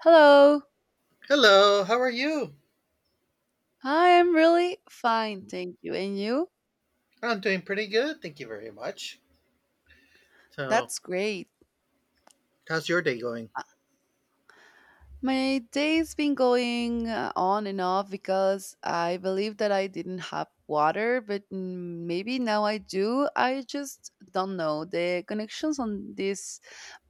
Hello. Hello, how are you? I am really fine, thank you. And you? I'm doing pretty good, thank you very much. So, That's great. how's your day going? My day's been going on and off because I believe that I didn't have water, but maybe now I do. I just don't know. The connections on this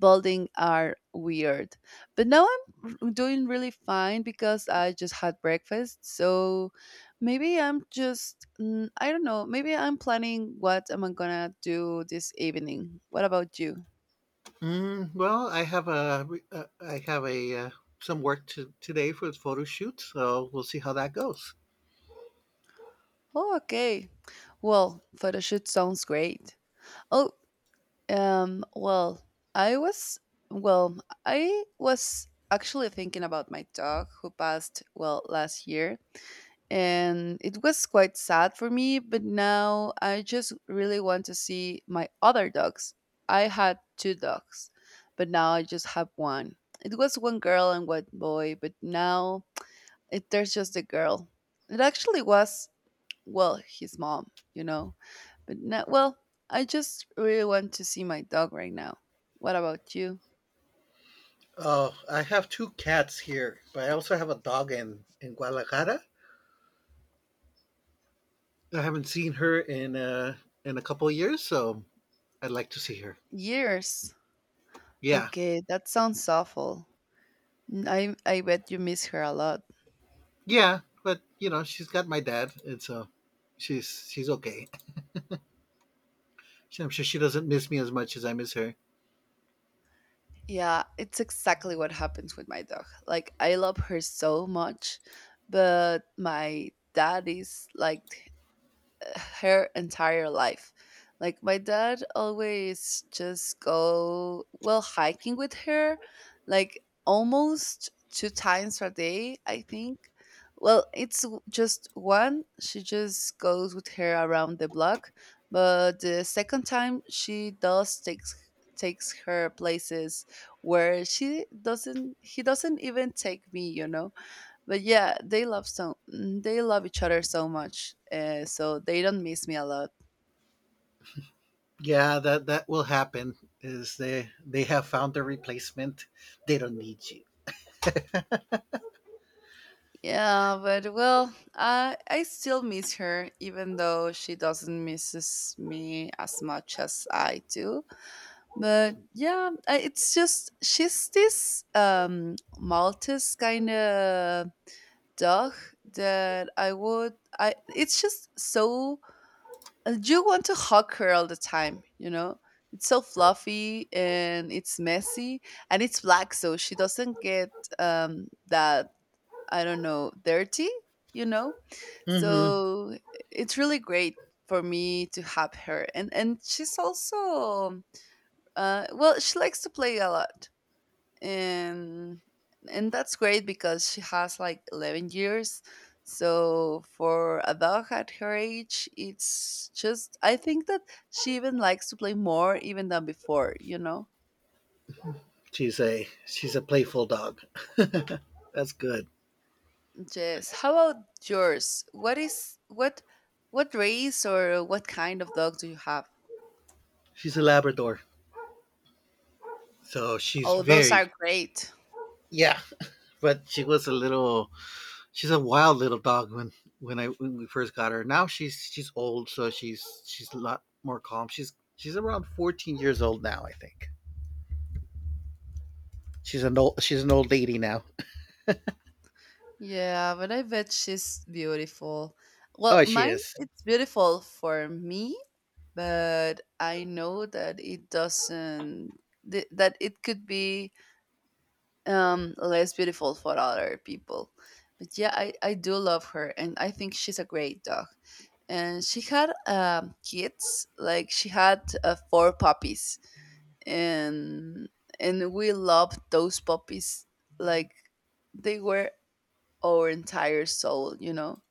building are weird. But now doing really fine because I just had breakfast. So maybe I'm just, I don't know, maybe I'm planning what am I gonna do this evening. What about you? I have a some work to today for the photo shoot, so we'll see how that goes. Oh, okay. Well, photo shoot sounds great. Oh, Um, well, I was well, I was actually thinking about my dog who passed well last year, and it was quite sad for me, but now I just really want to see my other dogs. I had two dogs, but now I just have one. It was one girl and one boy, but now there's just a girl. It actually was well, his mom, you know but now, well, I just really want to see my dog right now. What about you? Oh, I have two cats here, but I also have a dog in Guadalajara. I haven't seen her in a couple of years, so I'd like to see her. Years. Yeah, Okay, that sounds awful. I bet you miss her a lot. yeah, but you know she's got my dad, and so she's okay. I'm sure she doesn't miss me as much as I miss her. Yeah, it's exactly what happens with my dog. Like I love her so much, but my dad is like her entire life. Like my dad always just go well hiking with her, like almost two times a day, I think. Well, just one. She just goes with her around the block, but the second time she does takes takes her places where she doesn't he doesn't even take me, but yeah they love so, they love each other so much so they don't miss me a lot. Yeah, that will happen. Is they have found a replacement. They don't need you. Yeah, but well I still miss her even though she doesn't misses me as much as I do, but yeah it's just she's this maltese kind of dog that I, it's just so you want to hug her all the time, you know? It's so fluffy and it's messy and it's black, so she doesn't get um, that, I don't know, dirty, you know? hmm So it's really great for me to have her. And she's also, well, she likes to play a lot and and that's great because she has like 11 years, so for a dog at her age, it's just I think that she even likes to play more even than before, you know. she's a playful dog. That's good. Yes, how about yours? What is what race or what kind of dog do you have? She's a Labrador, so she's Oh, those are very, great. yeah. But she was a little. She's a wild little dog when we first got her. Now she's old, so she's a lot more calm. She's around 14 years old now. I think she's an old lady now. Yeah, but I bet she's beautiful. Well, Oh, she mine is. it's beautiful for me, but I know that it doesn't that it could be less beautiful for other people. But yeah, I do love her, and I think she's a great dog. And she had kids, like she had four puppies, and and we loved those puppies like they were our entire soul, you know.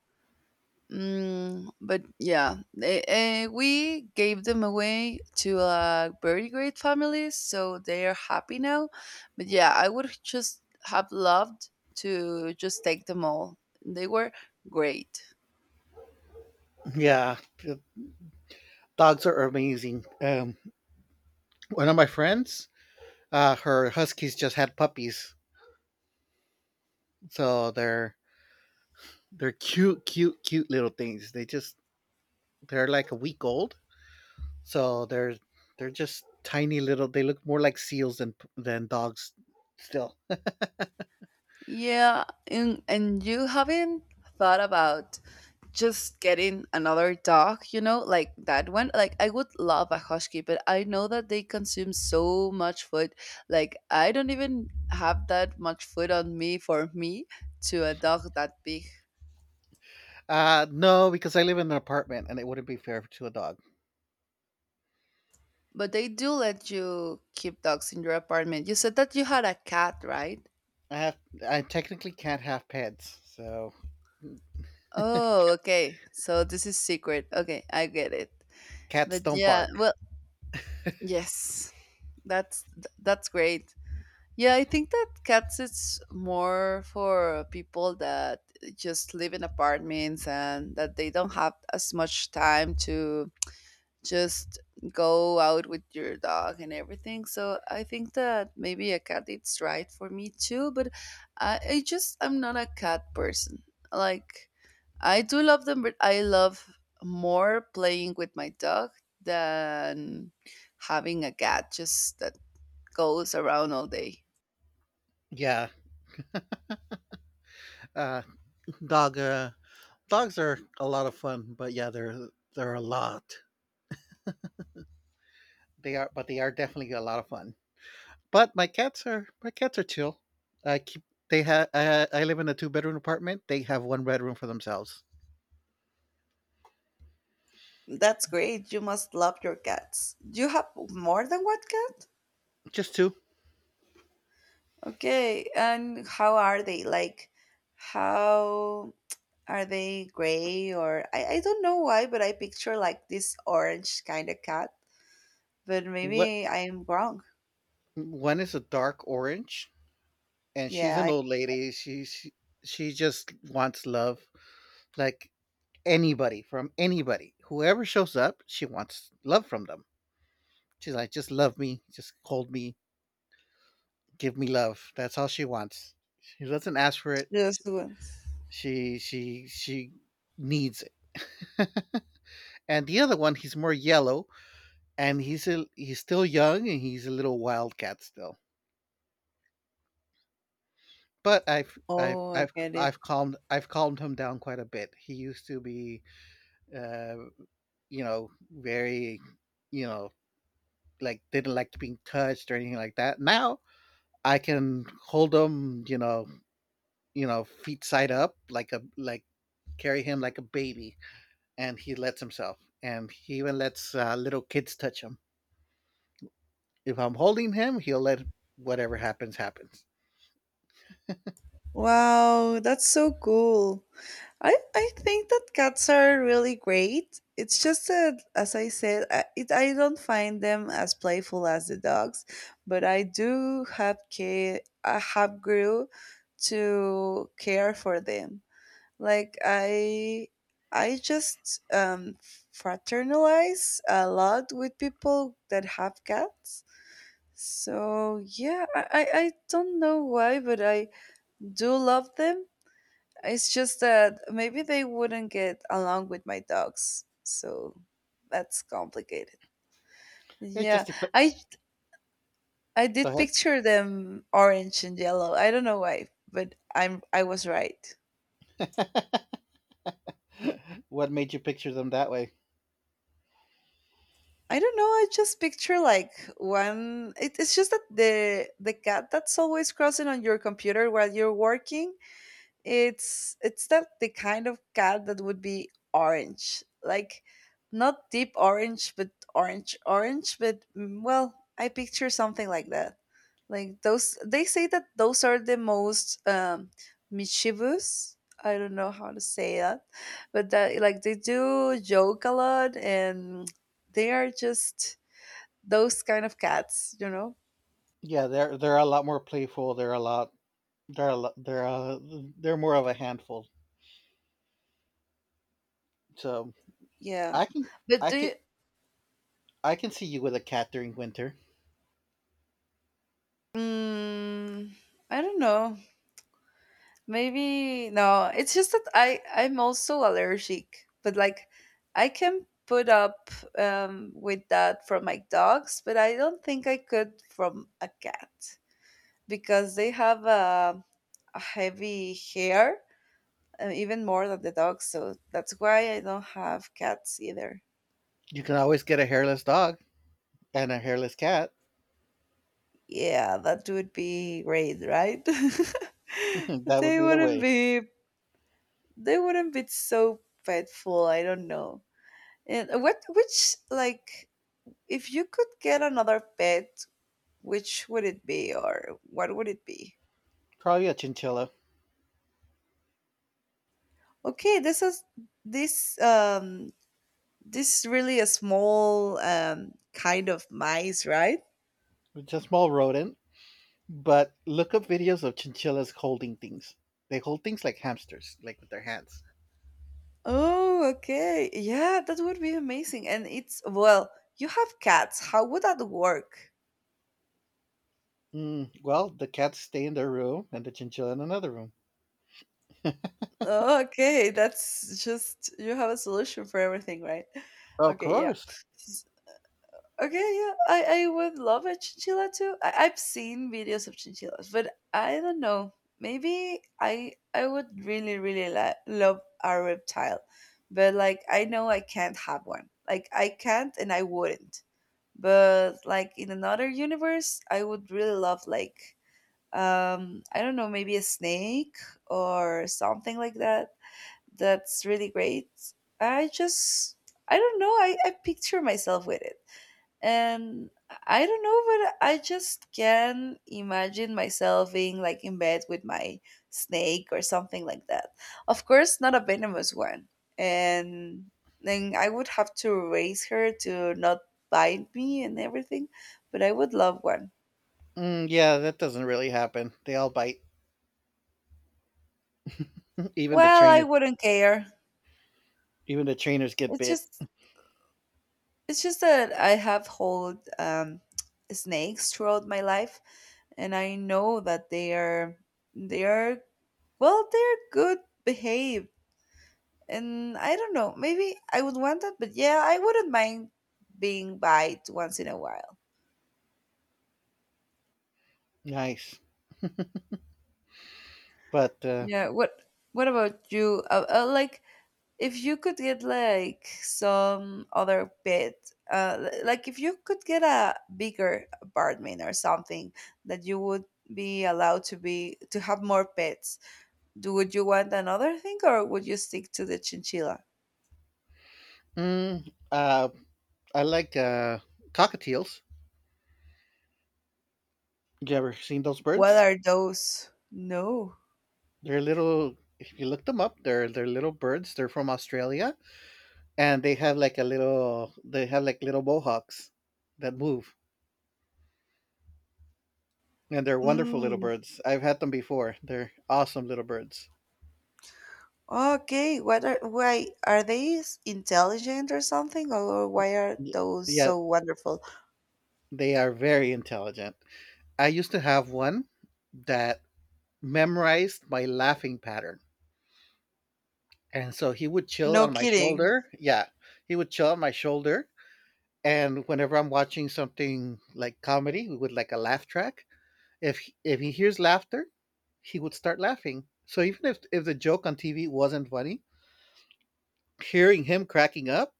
But yeah, we gave them away to a very great family, so they are happy now. But yeah, I would just have loved to just take them all. They were great. Yeah, dogs are amazing. One of my friends, her huskies just had puppies, so they're cute, cute, cute little things. They're like a week old, so they're just tiny little. They look more like seals than dogs. Still, Yeah, and you haven't thought about just getting another dog, you know, like that one. Like I would love a husky, but I know that they consume so much food. Like I don't even have that much food on me for me to a dog that big. No, because I live in an apartment and it wouldn't be fair to a dog. But they do let you keep dogs in your apartment. You said that you had a cat, right? I have I technically can't have pets, so Oh, okay. So this is secret. Okay, I get it. cats But don't yeah, bark. well, yes. That's that's great. Yeah, I think that cats it's more for people that just live in apartments and that they don't have as much time to just go out with your dog and everything. So I think that maybe a cat it's right for me too, but I just I'm not a cat person. Like I do love them, but I love more playing with my dog than having a cat just that goes around all day. Yeah, uh, dog. Dogs are a lot of fun, but yeah, they're a lot. They are, but they are definitely a lot of fun. But my cats are chill. I keep they have I live in a two-bedroom apartment. They have one bedroom for themselves, That's great. You must love your cats. Do you have more than one cat? just two. Okay, and how are they? Like, how are they gray or I don't know why, but I picture like this orange kind of cat. But What maybe I am wrong. One is a dark orange, and she's Yeah, an I old lady. She just wants love, like anybody from anybody, whoever shows up, she wants love from them. She's like, just love me, just hold me, give me love. That's all she wants. She doesn't ask for it. just She needs it. And the other one, he's more yellow, and he's still young, and he's a little wildcat still. But I've I've oh, I I've get it. I've calmed I've calmed him down quite a bit. He used to be, uh, very, you know, like didn't like to being touched or anything like that. Now I can hold him, feet side up like a like carry him like a baby, and he lets himself, and he even lets little kids touch him. If I'm holding him, he'll let whatever happens happens. Wow, that's so cool. I think that cats are really great. It's just that, as I said, I don't find them as playful as the dogs, but I do have care. I have grew to care for them. Like I just fraternize a lot with people that have cats. So yeah, I don't know why, but I do love them. It's just that maybe they wouldn't get along with my dogs, so that's complicated. It Yeah, just dep- I I did Go picture them orange and yellow. I don't know why, but I was right. ahead. What made you picture them that way? I don't know. I just picture like one. It's just that the cat that's always crossing on your computer while you're working. It's that the kind of cat that would be orange, like not deep orange, but orange orange. But well, I picture something like that. Like those, they say that those are the most mischievous. I don't know how to say that, but that like they do joke a lot, and they are just those kind of cats, you know. Yeah, they're a lot more playful. They're a lot they're a lot, they're a, they're more of a handful. So Yeah, I can but I do can you? I can see you with a cat during winter. Mm, I don't know. Maybe no, it's just that I'm also allergic, but like I can put up with that from my dogs, but I don't think I could from a cat because they have a heavy hair, even more than the dogs. So that's why I don't have cats either. You can always get a hairless dog and a hairless cat. Yeah, that would be great, right? That would They be the wouldn't way. be they wouldn't be so petful. I don't know. And what which like if you could get another pet, which would it be or what would it be? Probably a chinchilla. Okay, this is this this really a small kind of mice, right? It's a small rodent. But look up videos of chinchillas holding things. They hold things like hamsters, like with their hands. Oh, okay. Yeah, that would be amazing. And it's well, you have cats. How would that work? Well, the cats stay in their room and the chinchilla in another room. Oh, okay, that's just you have a solution for everything, right? Of Okay, yeah. course. Okay, yeah, I would love a chinchilla too. I've seen videos of chinchillas, but I don't know. Maybe I would really really love a reptile, but like I know I can't have one. Like I can't and I wouldn't. But like in another universe, I would really love like I don't know, maybe a snake or something like that. That's really great. I just I don't know. I picture myself with it. And I don't know, but I just can imagine myself being like in bed with my snake or something like that. Of course, not a venomous one. And then I would have to raise her to not bite me and everything, but I would love one. Yeah, that doesn't really happen. They all bite. Even the Well, I trainers, wouldn't care. Even the trainers get It's bit. just it's just that I have hold snakes throughout my life, and I know that they are well, they're good behaved. And I don't know, maybe I would want that, but yeah, I wouldn't mind being bite once in a while. Nice, but Yeah, what about you? Like if you could get like some other pet, like if you could get a bigger apartment or something that you would be allowed to be to have more pets, do would you want another thing or would you stick to the chinchilla? mm, uh, I like cockatiels. You ever seen those What birds? are those? No. They're little. If you look them up, they're little birds. They're from Australia, and they have like little bohawks that move, and they're wonderful little Mm. birds. I've had them before. They're awesome little birds. Okay, what are why are they intelligent or something, or why are Y- those yeah, so wonderful? they are very intelligent. I used to have one that memorized my laughing pattern, and so he would chill No on my kidding. shoulder. Yeah, he would chill on my shoulder, and whenever I'm watching something like comedy with like a laugh track, If if he hears laughter, he would start laughing. So even if the joke on TV wasn't funny, hearing him cracking up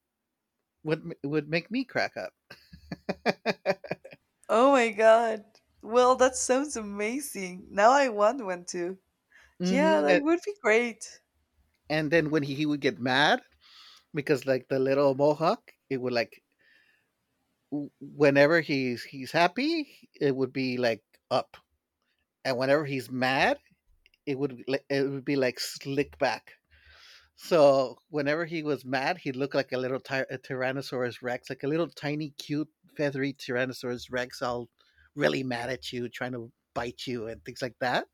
would make me crack up. Oh my god. Well, that sounds amazing. Now I want one too. Yeah, hmm that And, would be great. and then when he would get mad, because like the little mohawk, it would like w- whenever he's happy, it would be like up, and whenever he's mad, it would be like slick back. So whenever he was mad, he looked like a little ty- a Tyrannosaurus Rex, like a little tiny, cute, feathery Tyrannosaurus Rex, all really mad at you, trying to bite you and things like that.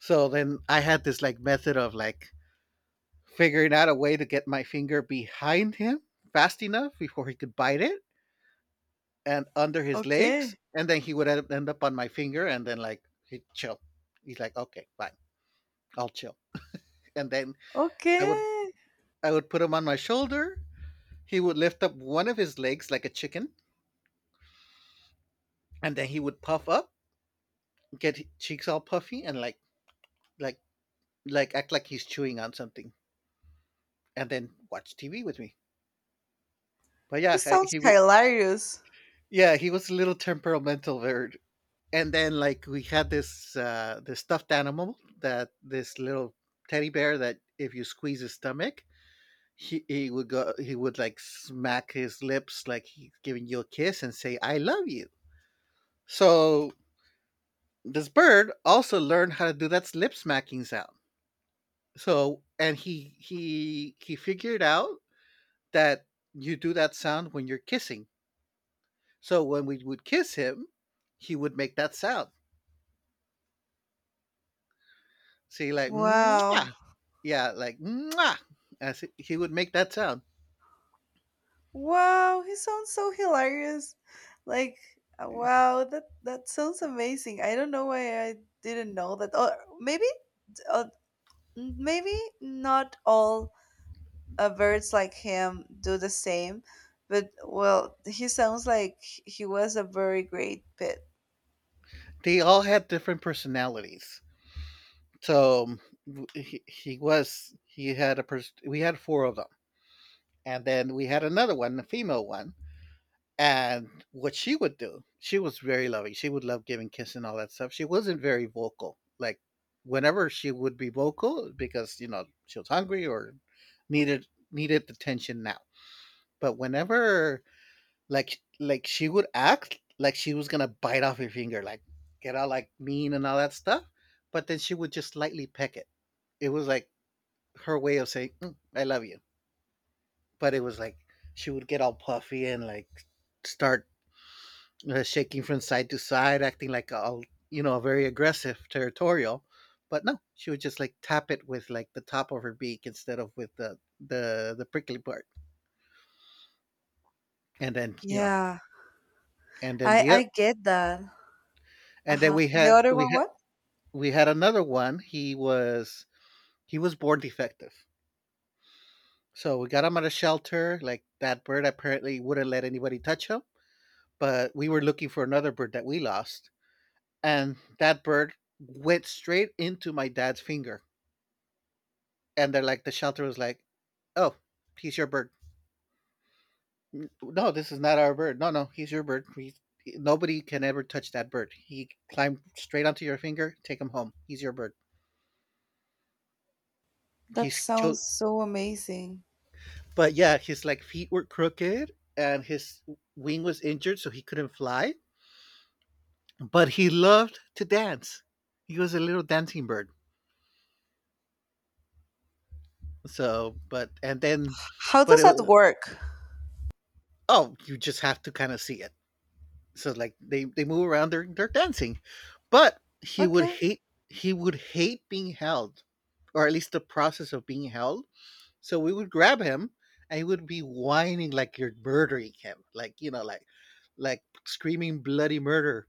So then I had this like method of like figuring out a way to get my finger behind him fast enough before he could bite it and under his legs, Okay. and then he would end up on my finger, and then like he'd chill. He's like, okay, fine, I'll chill, and then I would Okay. I would put him on my shoulder. He would lift up one of his legs like a chicken, and then he would puff up, get his cheeks all puffy, and like like act like he's chewing on something, and then watch TV with me. But He yeah, sounds he would. hilarious. Yeah, he was a little temperamental bird. And then like we had this this stuffed animal, that this little teddy bear that if you squeeze his stomach, he would like smack his lips like he's giving you a kiss and say I love you. So this bird also learned how to do that lip smacking sound. So, and he figured out that you do that sound when you're kissing. So when we would kiss him, he would make that sound. See, like Wow. mwah. Yeah, like mwah. As he would make that sound. Wow, he sounds so hilarious. Like wow, that sounds amazing. I don't know why I didn't know that. Or maybe uh, Maybe not all birds like him do the same, but well, he sounds like he was a very great pet. They all had different personalities. So, w- he was he had a pers- we had four of them, and then we had another one, a female one. And what she would do, she was very loving. She would love giving kisses and all that stuff. She wasn't very vocal. Like whenever she would be vocal because, she was hungry or needed the tension now. But whenever like she would act like she was gonna bite off your finger, like get all like mean and all that stuff. But then she would just lightly peck it. It was like her way of saying, "Mm, I love you." But it was like she would get all puffy and like start, shaking from side to side, acting like a, a very aggressive territorial. But no, she would just like tap it with like the top of her beak instead of with the prickly part. And then, Yeah, and then I get that. and then Uh-huh. The other one, what? we had another one. He was born defective. So we got him at a shelter. Like, that bird apparently wouldn't let anybody touch him. But we were looking for another bird that we lost, and that bird went straight into my dad's finger, and they're like, the shelter was like, "Oh, he's your bird." No, this is not our bird. No, no, he's your bird. Nobody can ever touch that bird. He climbed straight onto your finger. Take him home. He's your bird. That He's sounds cho- so amazing. but yeah, his like feet were crooked and his wing was injured, so he couldn't fly. But he loved to dance. He was a little dancing bird. So, but and then, How but does that it, work? oh, you just have to kind of see it. So like they move around, they're dancing, but Okay. He would hate being held, or at least the process of being held. So we would grab him, and he would be whining like you're murdering him, like screaming bloody murder,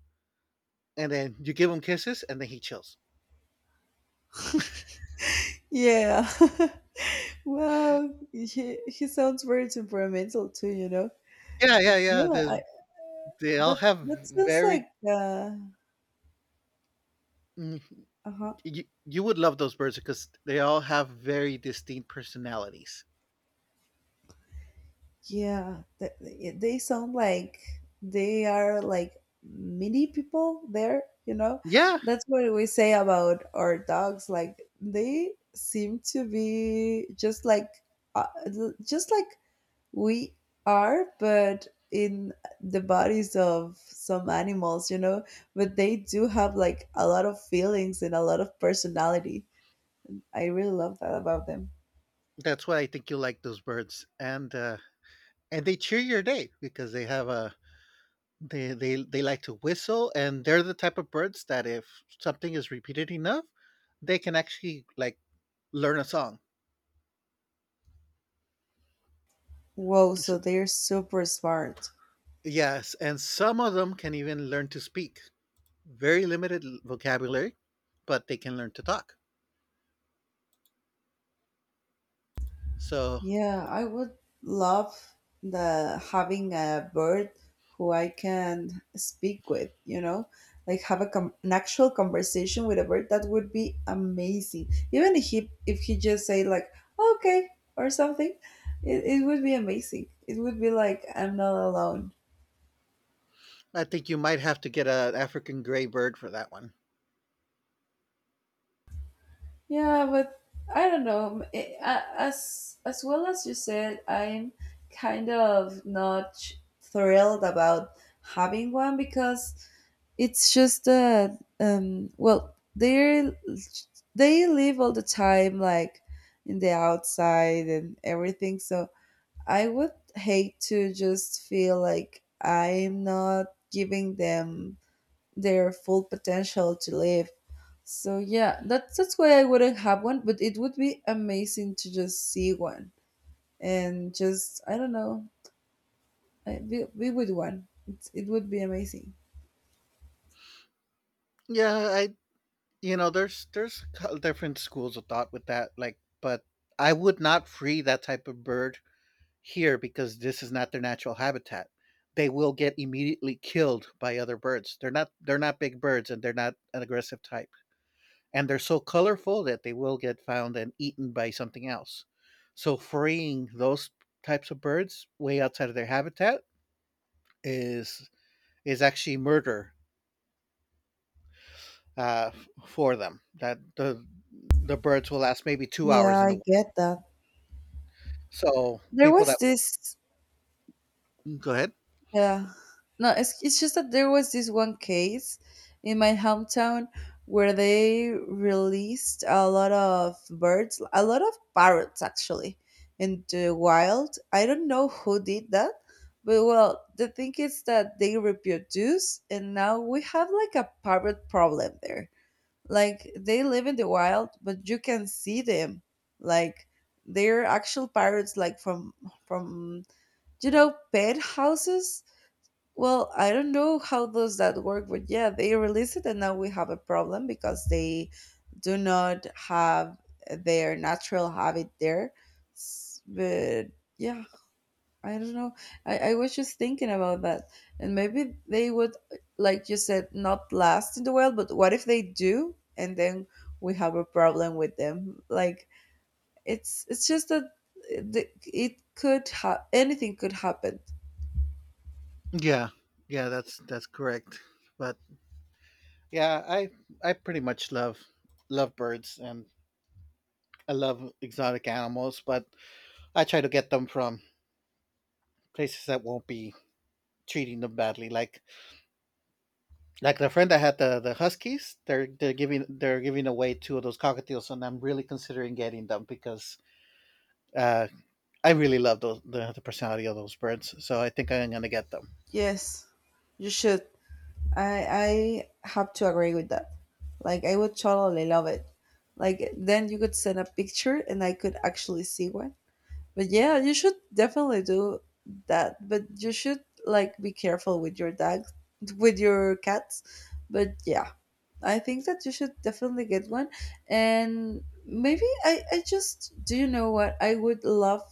and then you give him kisses and then he chills. Yeah. Wow. He sounds very temperamental too, you know. Yeah, But yeah, yeah, yeah, they all that have that sounds like very. Mm, uh-huh. you would love those birds because they all have very distinct personalities. Yeah, they sound like they are like mini people there, you know? Yeah, That's what we say about our dogs. Like, they seem to be just like, just like we are, but in the bodies of some animals, you know? But they do have like a lot of feelings and a lot of personality. I really love that about them. that's why I think you like those birds, and they cheer your day, because they like to whistle, and they're the type of birds that if something is repeated enough, they can actually like learn a song. Whoa, so S- they're super smart. yes, and some of them can even learn to speak very limited vocabulary, but they can learn to talk. So Yeah, I would love the having a bird who I can speak with, like have a com an actual conversation with a bird. That would be amazing. Even if he just say like okay or something, it would be amazing. It would be like I'm not alone. I think you might have to get an African gray bird for that one. Yeah, but I don't know. It, as well as you said, I'm kind of not thrilled about having one because it's just that, well, they live all the time, like in the outside and everything. So I would hate to just feel like I'm not giving them their full potential to live. So yeah, that's why I wouldn't have one, but it would be amazing to just see one and just I don't know, be with one. It would be amazing. Yeah, I you know there's co- different schools of thought with that, like, but I would not free that type of bird here because this is not their natural habitat. They will get immediately killed by other birds. They're not big birds, and they're not an aggressive type. And they're so colorful that they will get found and eaten by something else. So freeing those types of birds way outside of their habitat is is actually murder, uh, for them. That the birds will last maybe 2 hours Yeah, in the I wild. get that. So There people was that this Go ahead, Yeah. No, it's just that there was this one case in my hometown where they released a lot of birds, a lot of parrots actually, in the wild. I don't know who did that, but well, the thing is that they reproduce, and now we have like a parrot problem there. Like they live in the wild, but you can see them. Like they're actual parrots, like from pet houses, well, I don't know how does that work, but yeah, they released it and now we have a problem because they do not have their natural habit there. But yeah, I don't know. I was just thinking about that. And maybe they would, like you said, not last in the world, but what if they do and then we have a problem with them? Like it's just that it could have anything could happen. yeah, yeah, that's correct. But yeah, I pretty much love birds, and I love exotic animals, but I try to get them from places that won't be treating them badly. Like the friend I had, the huskies, they're giving away two of those cockatiels, and I'm really considering getting them because uh, I really love those, the personality of those birds. So I think I'm gonna get them. Yes, you should. I have to agree with that. Like I would totally love it. Like then you could send a picture and I could actually see one. But yeah, you should definitely do that. But you should like be careful with your dogs, with your cats. But yeah, I think that you should definitely get one. And maybe I just do you know what I would love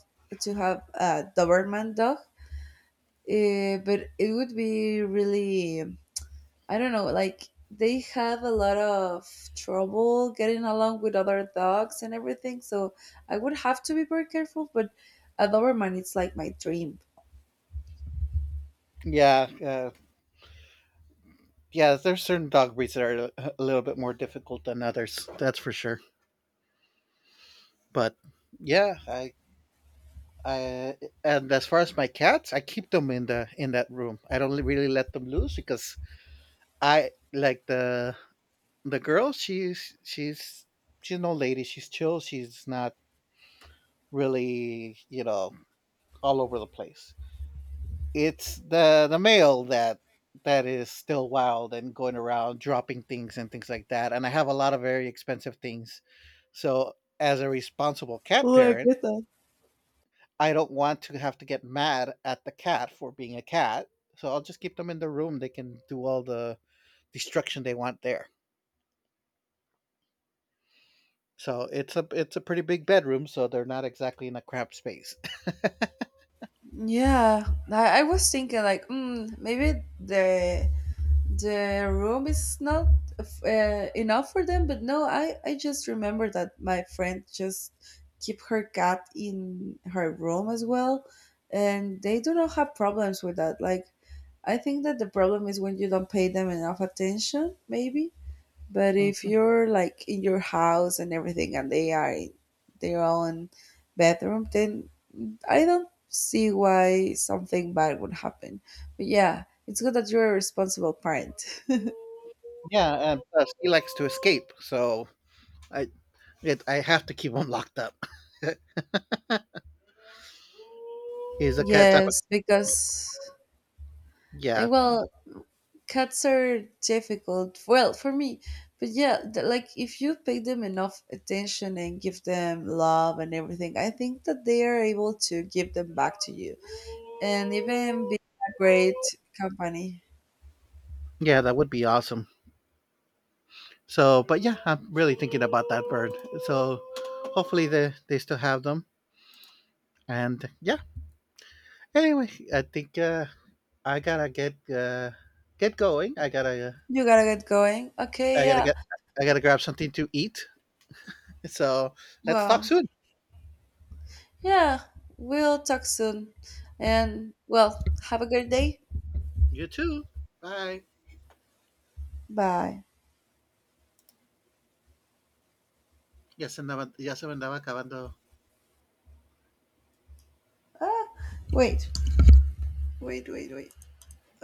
to have a Doberman dog. But it would be really I don't know, like they have a lot of trouble getting along with other dogs and everything. So I would have to be very careful, but a Doberman it's like my dream. Yeah, yeah. There's certain dog breeds that are a little bit more difficult than others. That's for sure. But yeah, I, and as far as my cats, I keep them in the in that room. I don't really let them loose because I like the girl. She's no lady. She's chill. She's not really, all over the place. It's the male that is still wild and going around dropping things and things like that. And I have a lot of very expensive things. So as a responsible cat Oh, I parent, get that. I don't want to have to get mad at the cat for being a cat, so I'll just keep them in the room. They can do all the destruction they want there. So it's a pretty big bedroom, so they're not exactly in a cramped space. Yeah, I was thinking like, maybe the room is not enough for them, but no, I just remember that my friend just keep her cat in her room as well, and they do not have problems with that. Like I think that the problem is when you don't pay them enough attention, maybe. But if Mhm. you're like in your house and everything and they are in their own bedroom, then I don't see why something bad would happen. But yeah, it's good that you're a responsible parent. Yeah, and plus he likes to escape, so I I have to keep him locked up. He's a cat type of. Yes, because Yeah, well, cats are difficult well for me, but yeah, like if you pay them enough attention and give them love and everything, I think that they are able to give them back to you and even be a great company. yeah, that would be awesome. So but yeah, I'm really thinking about that bird. So hopefully they still have them, and yeah, anyway, I think I gotta get going. You gotta get going, okay, I gotta yeah, get I gotta grab something to eat. So let's talk well soon. yeah, we'll talk soon, and well, have a good day. You too. Bye. Bye. Ya se andaba, ya se me andaba acabando. Ah, wait wait. Wait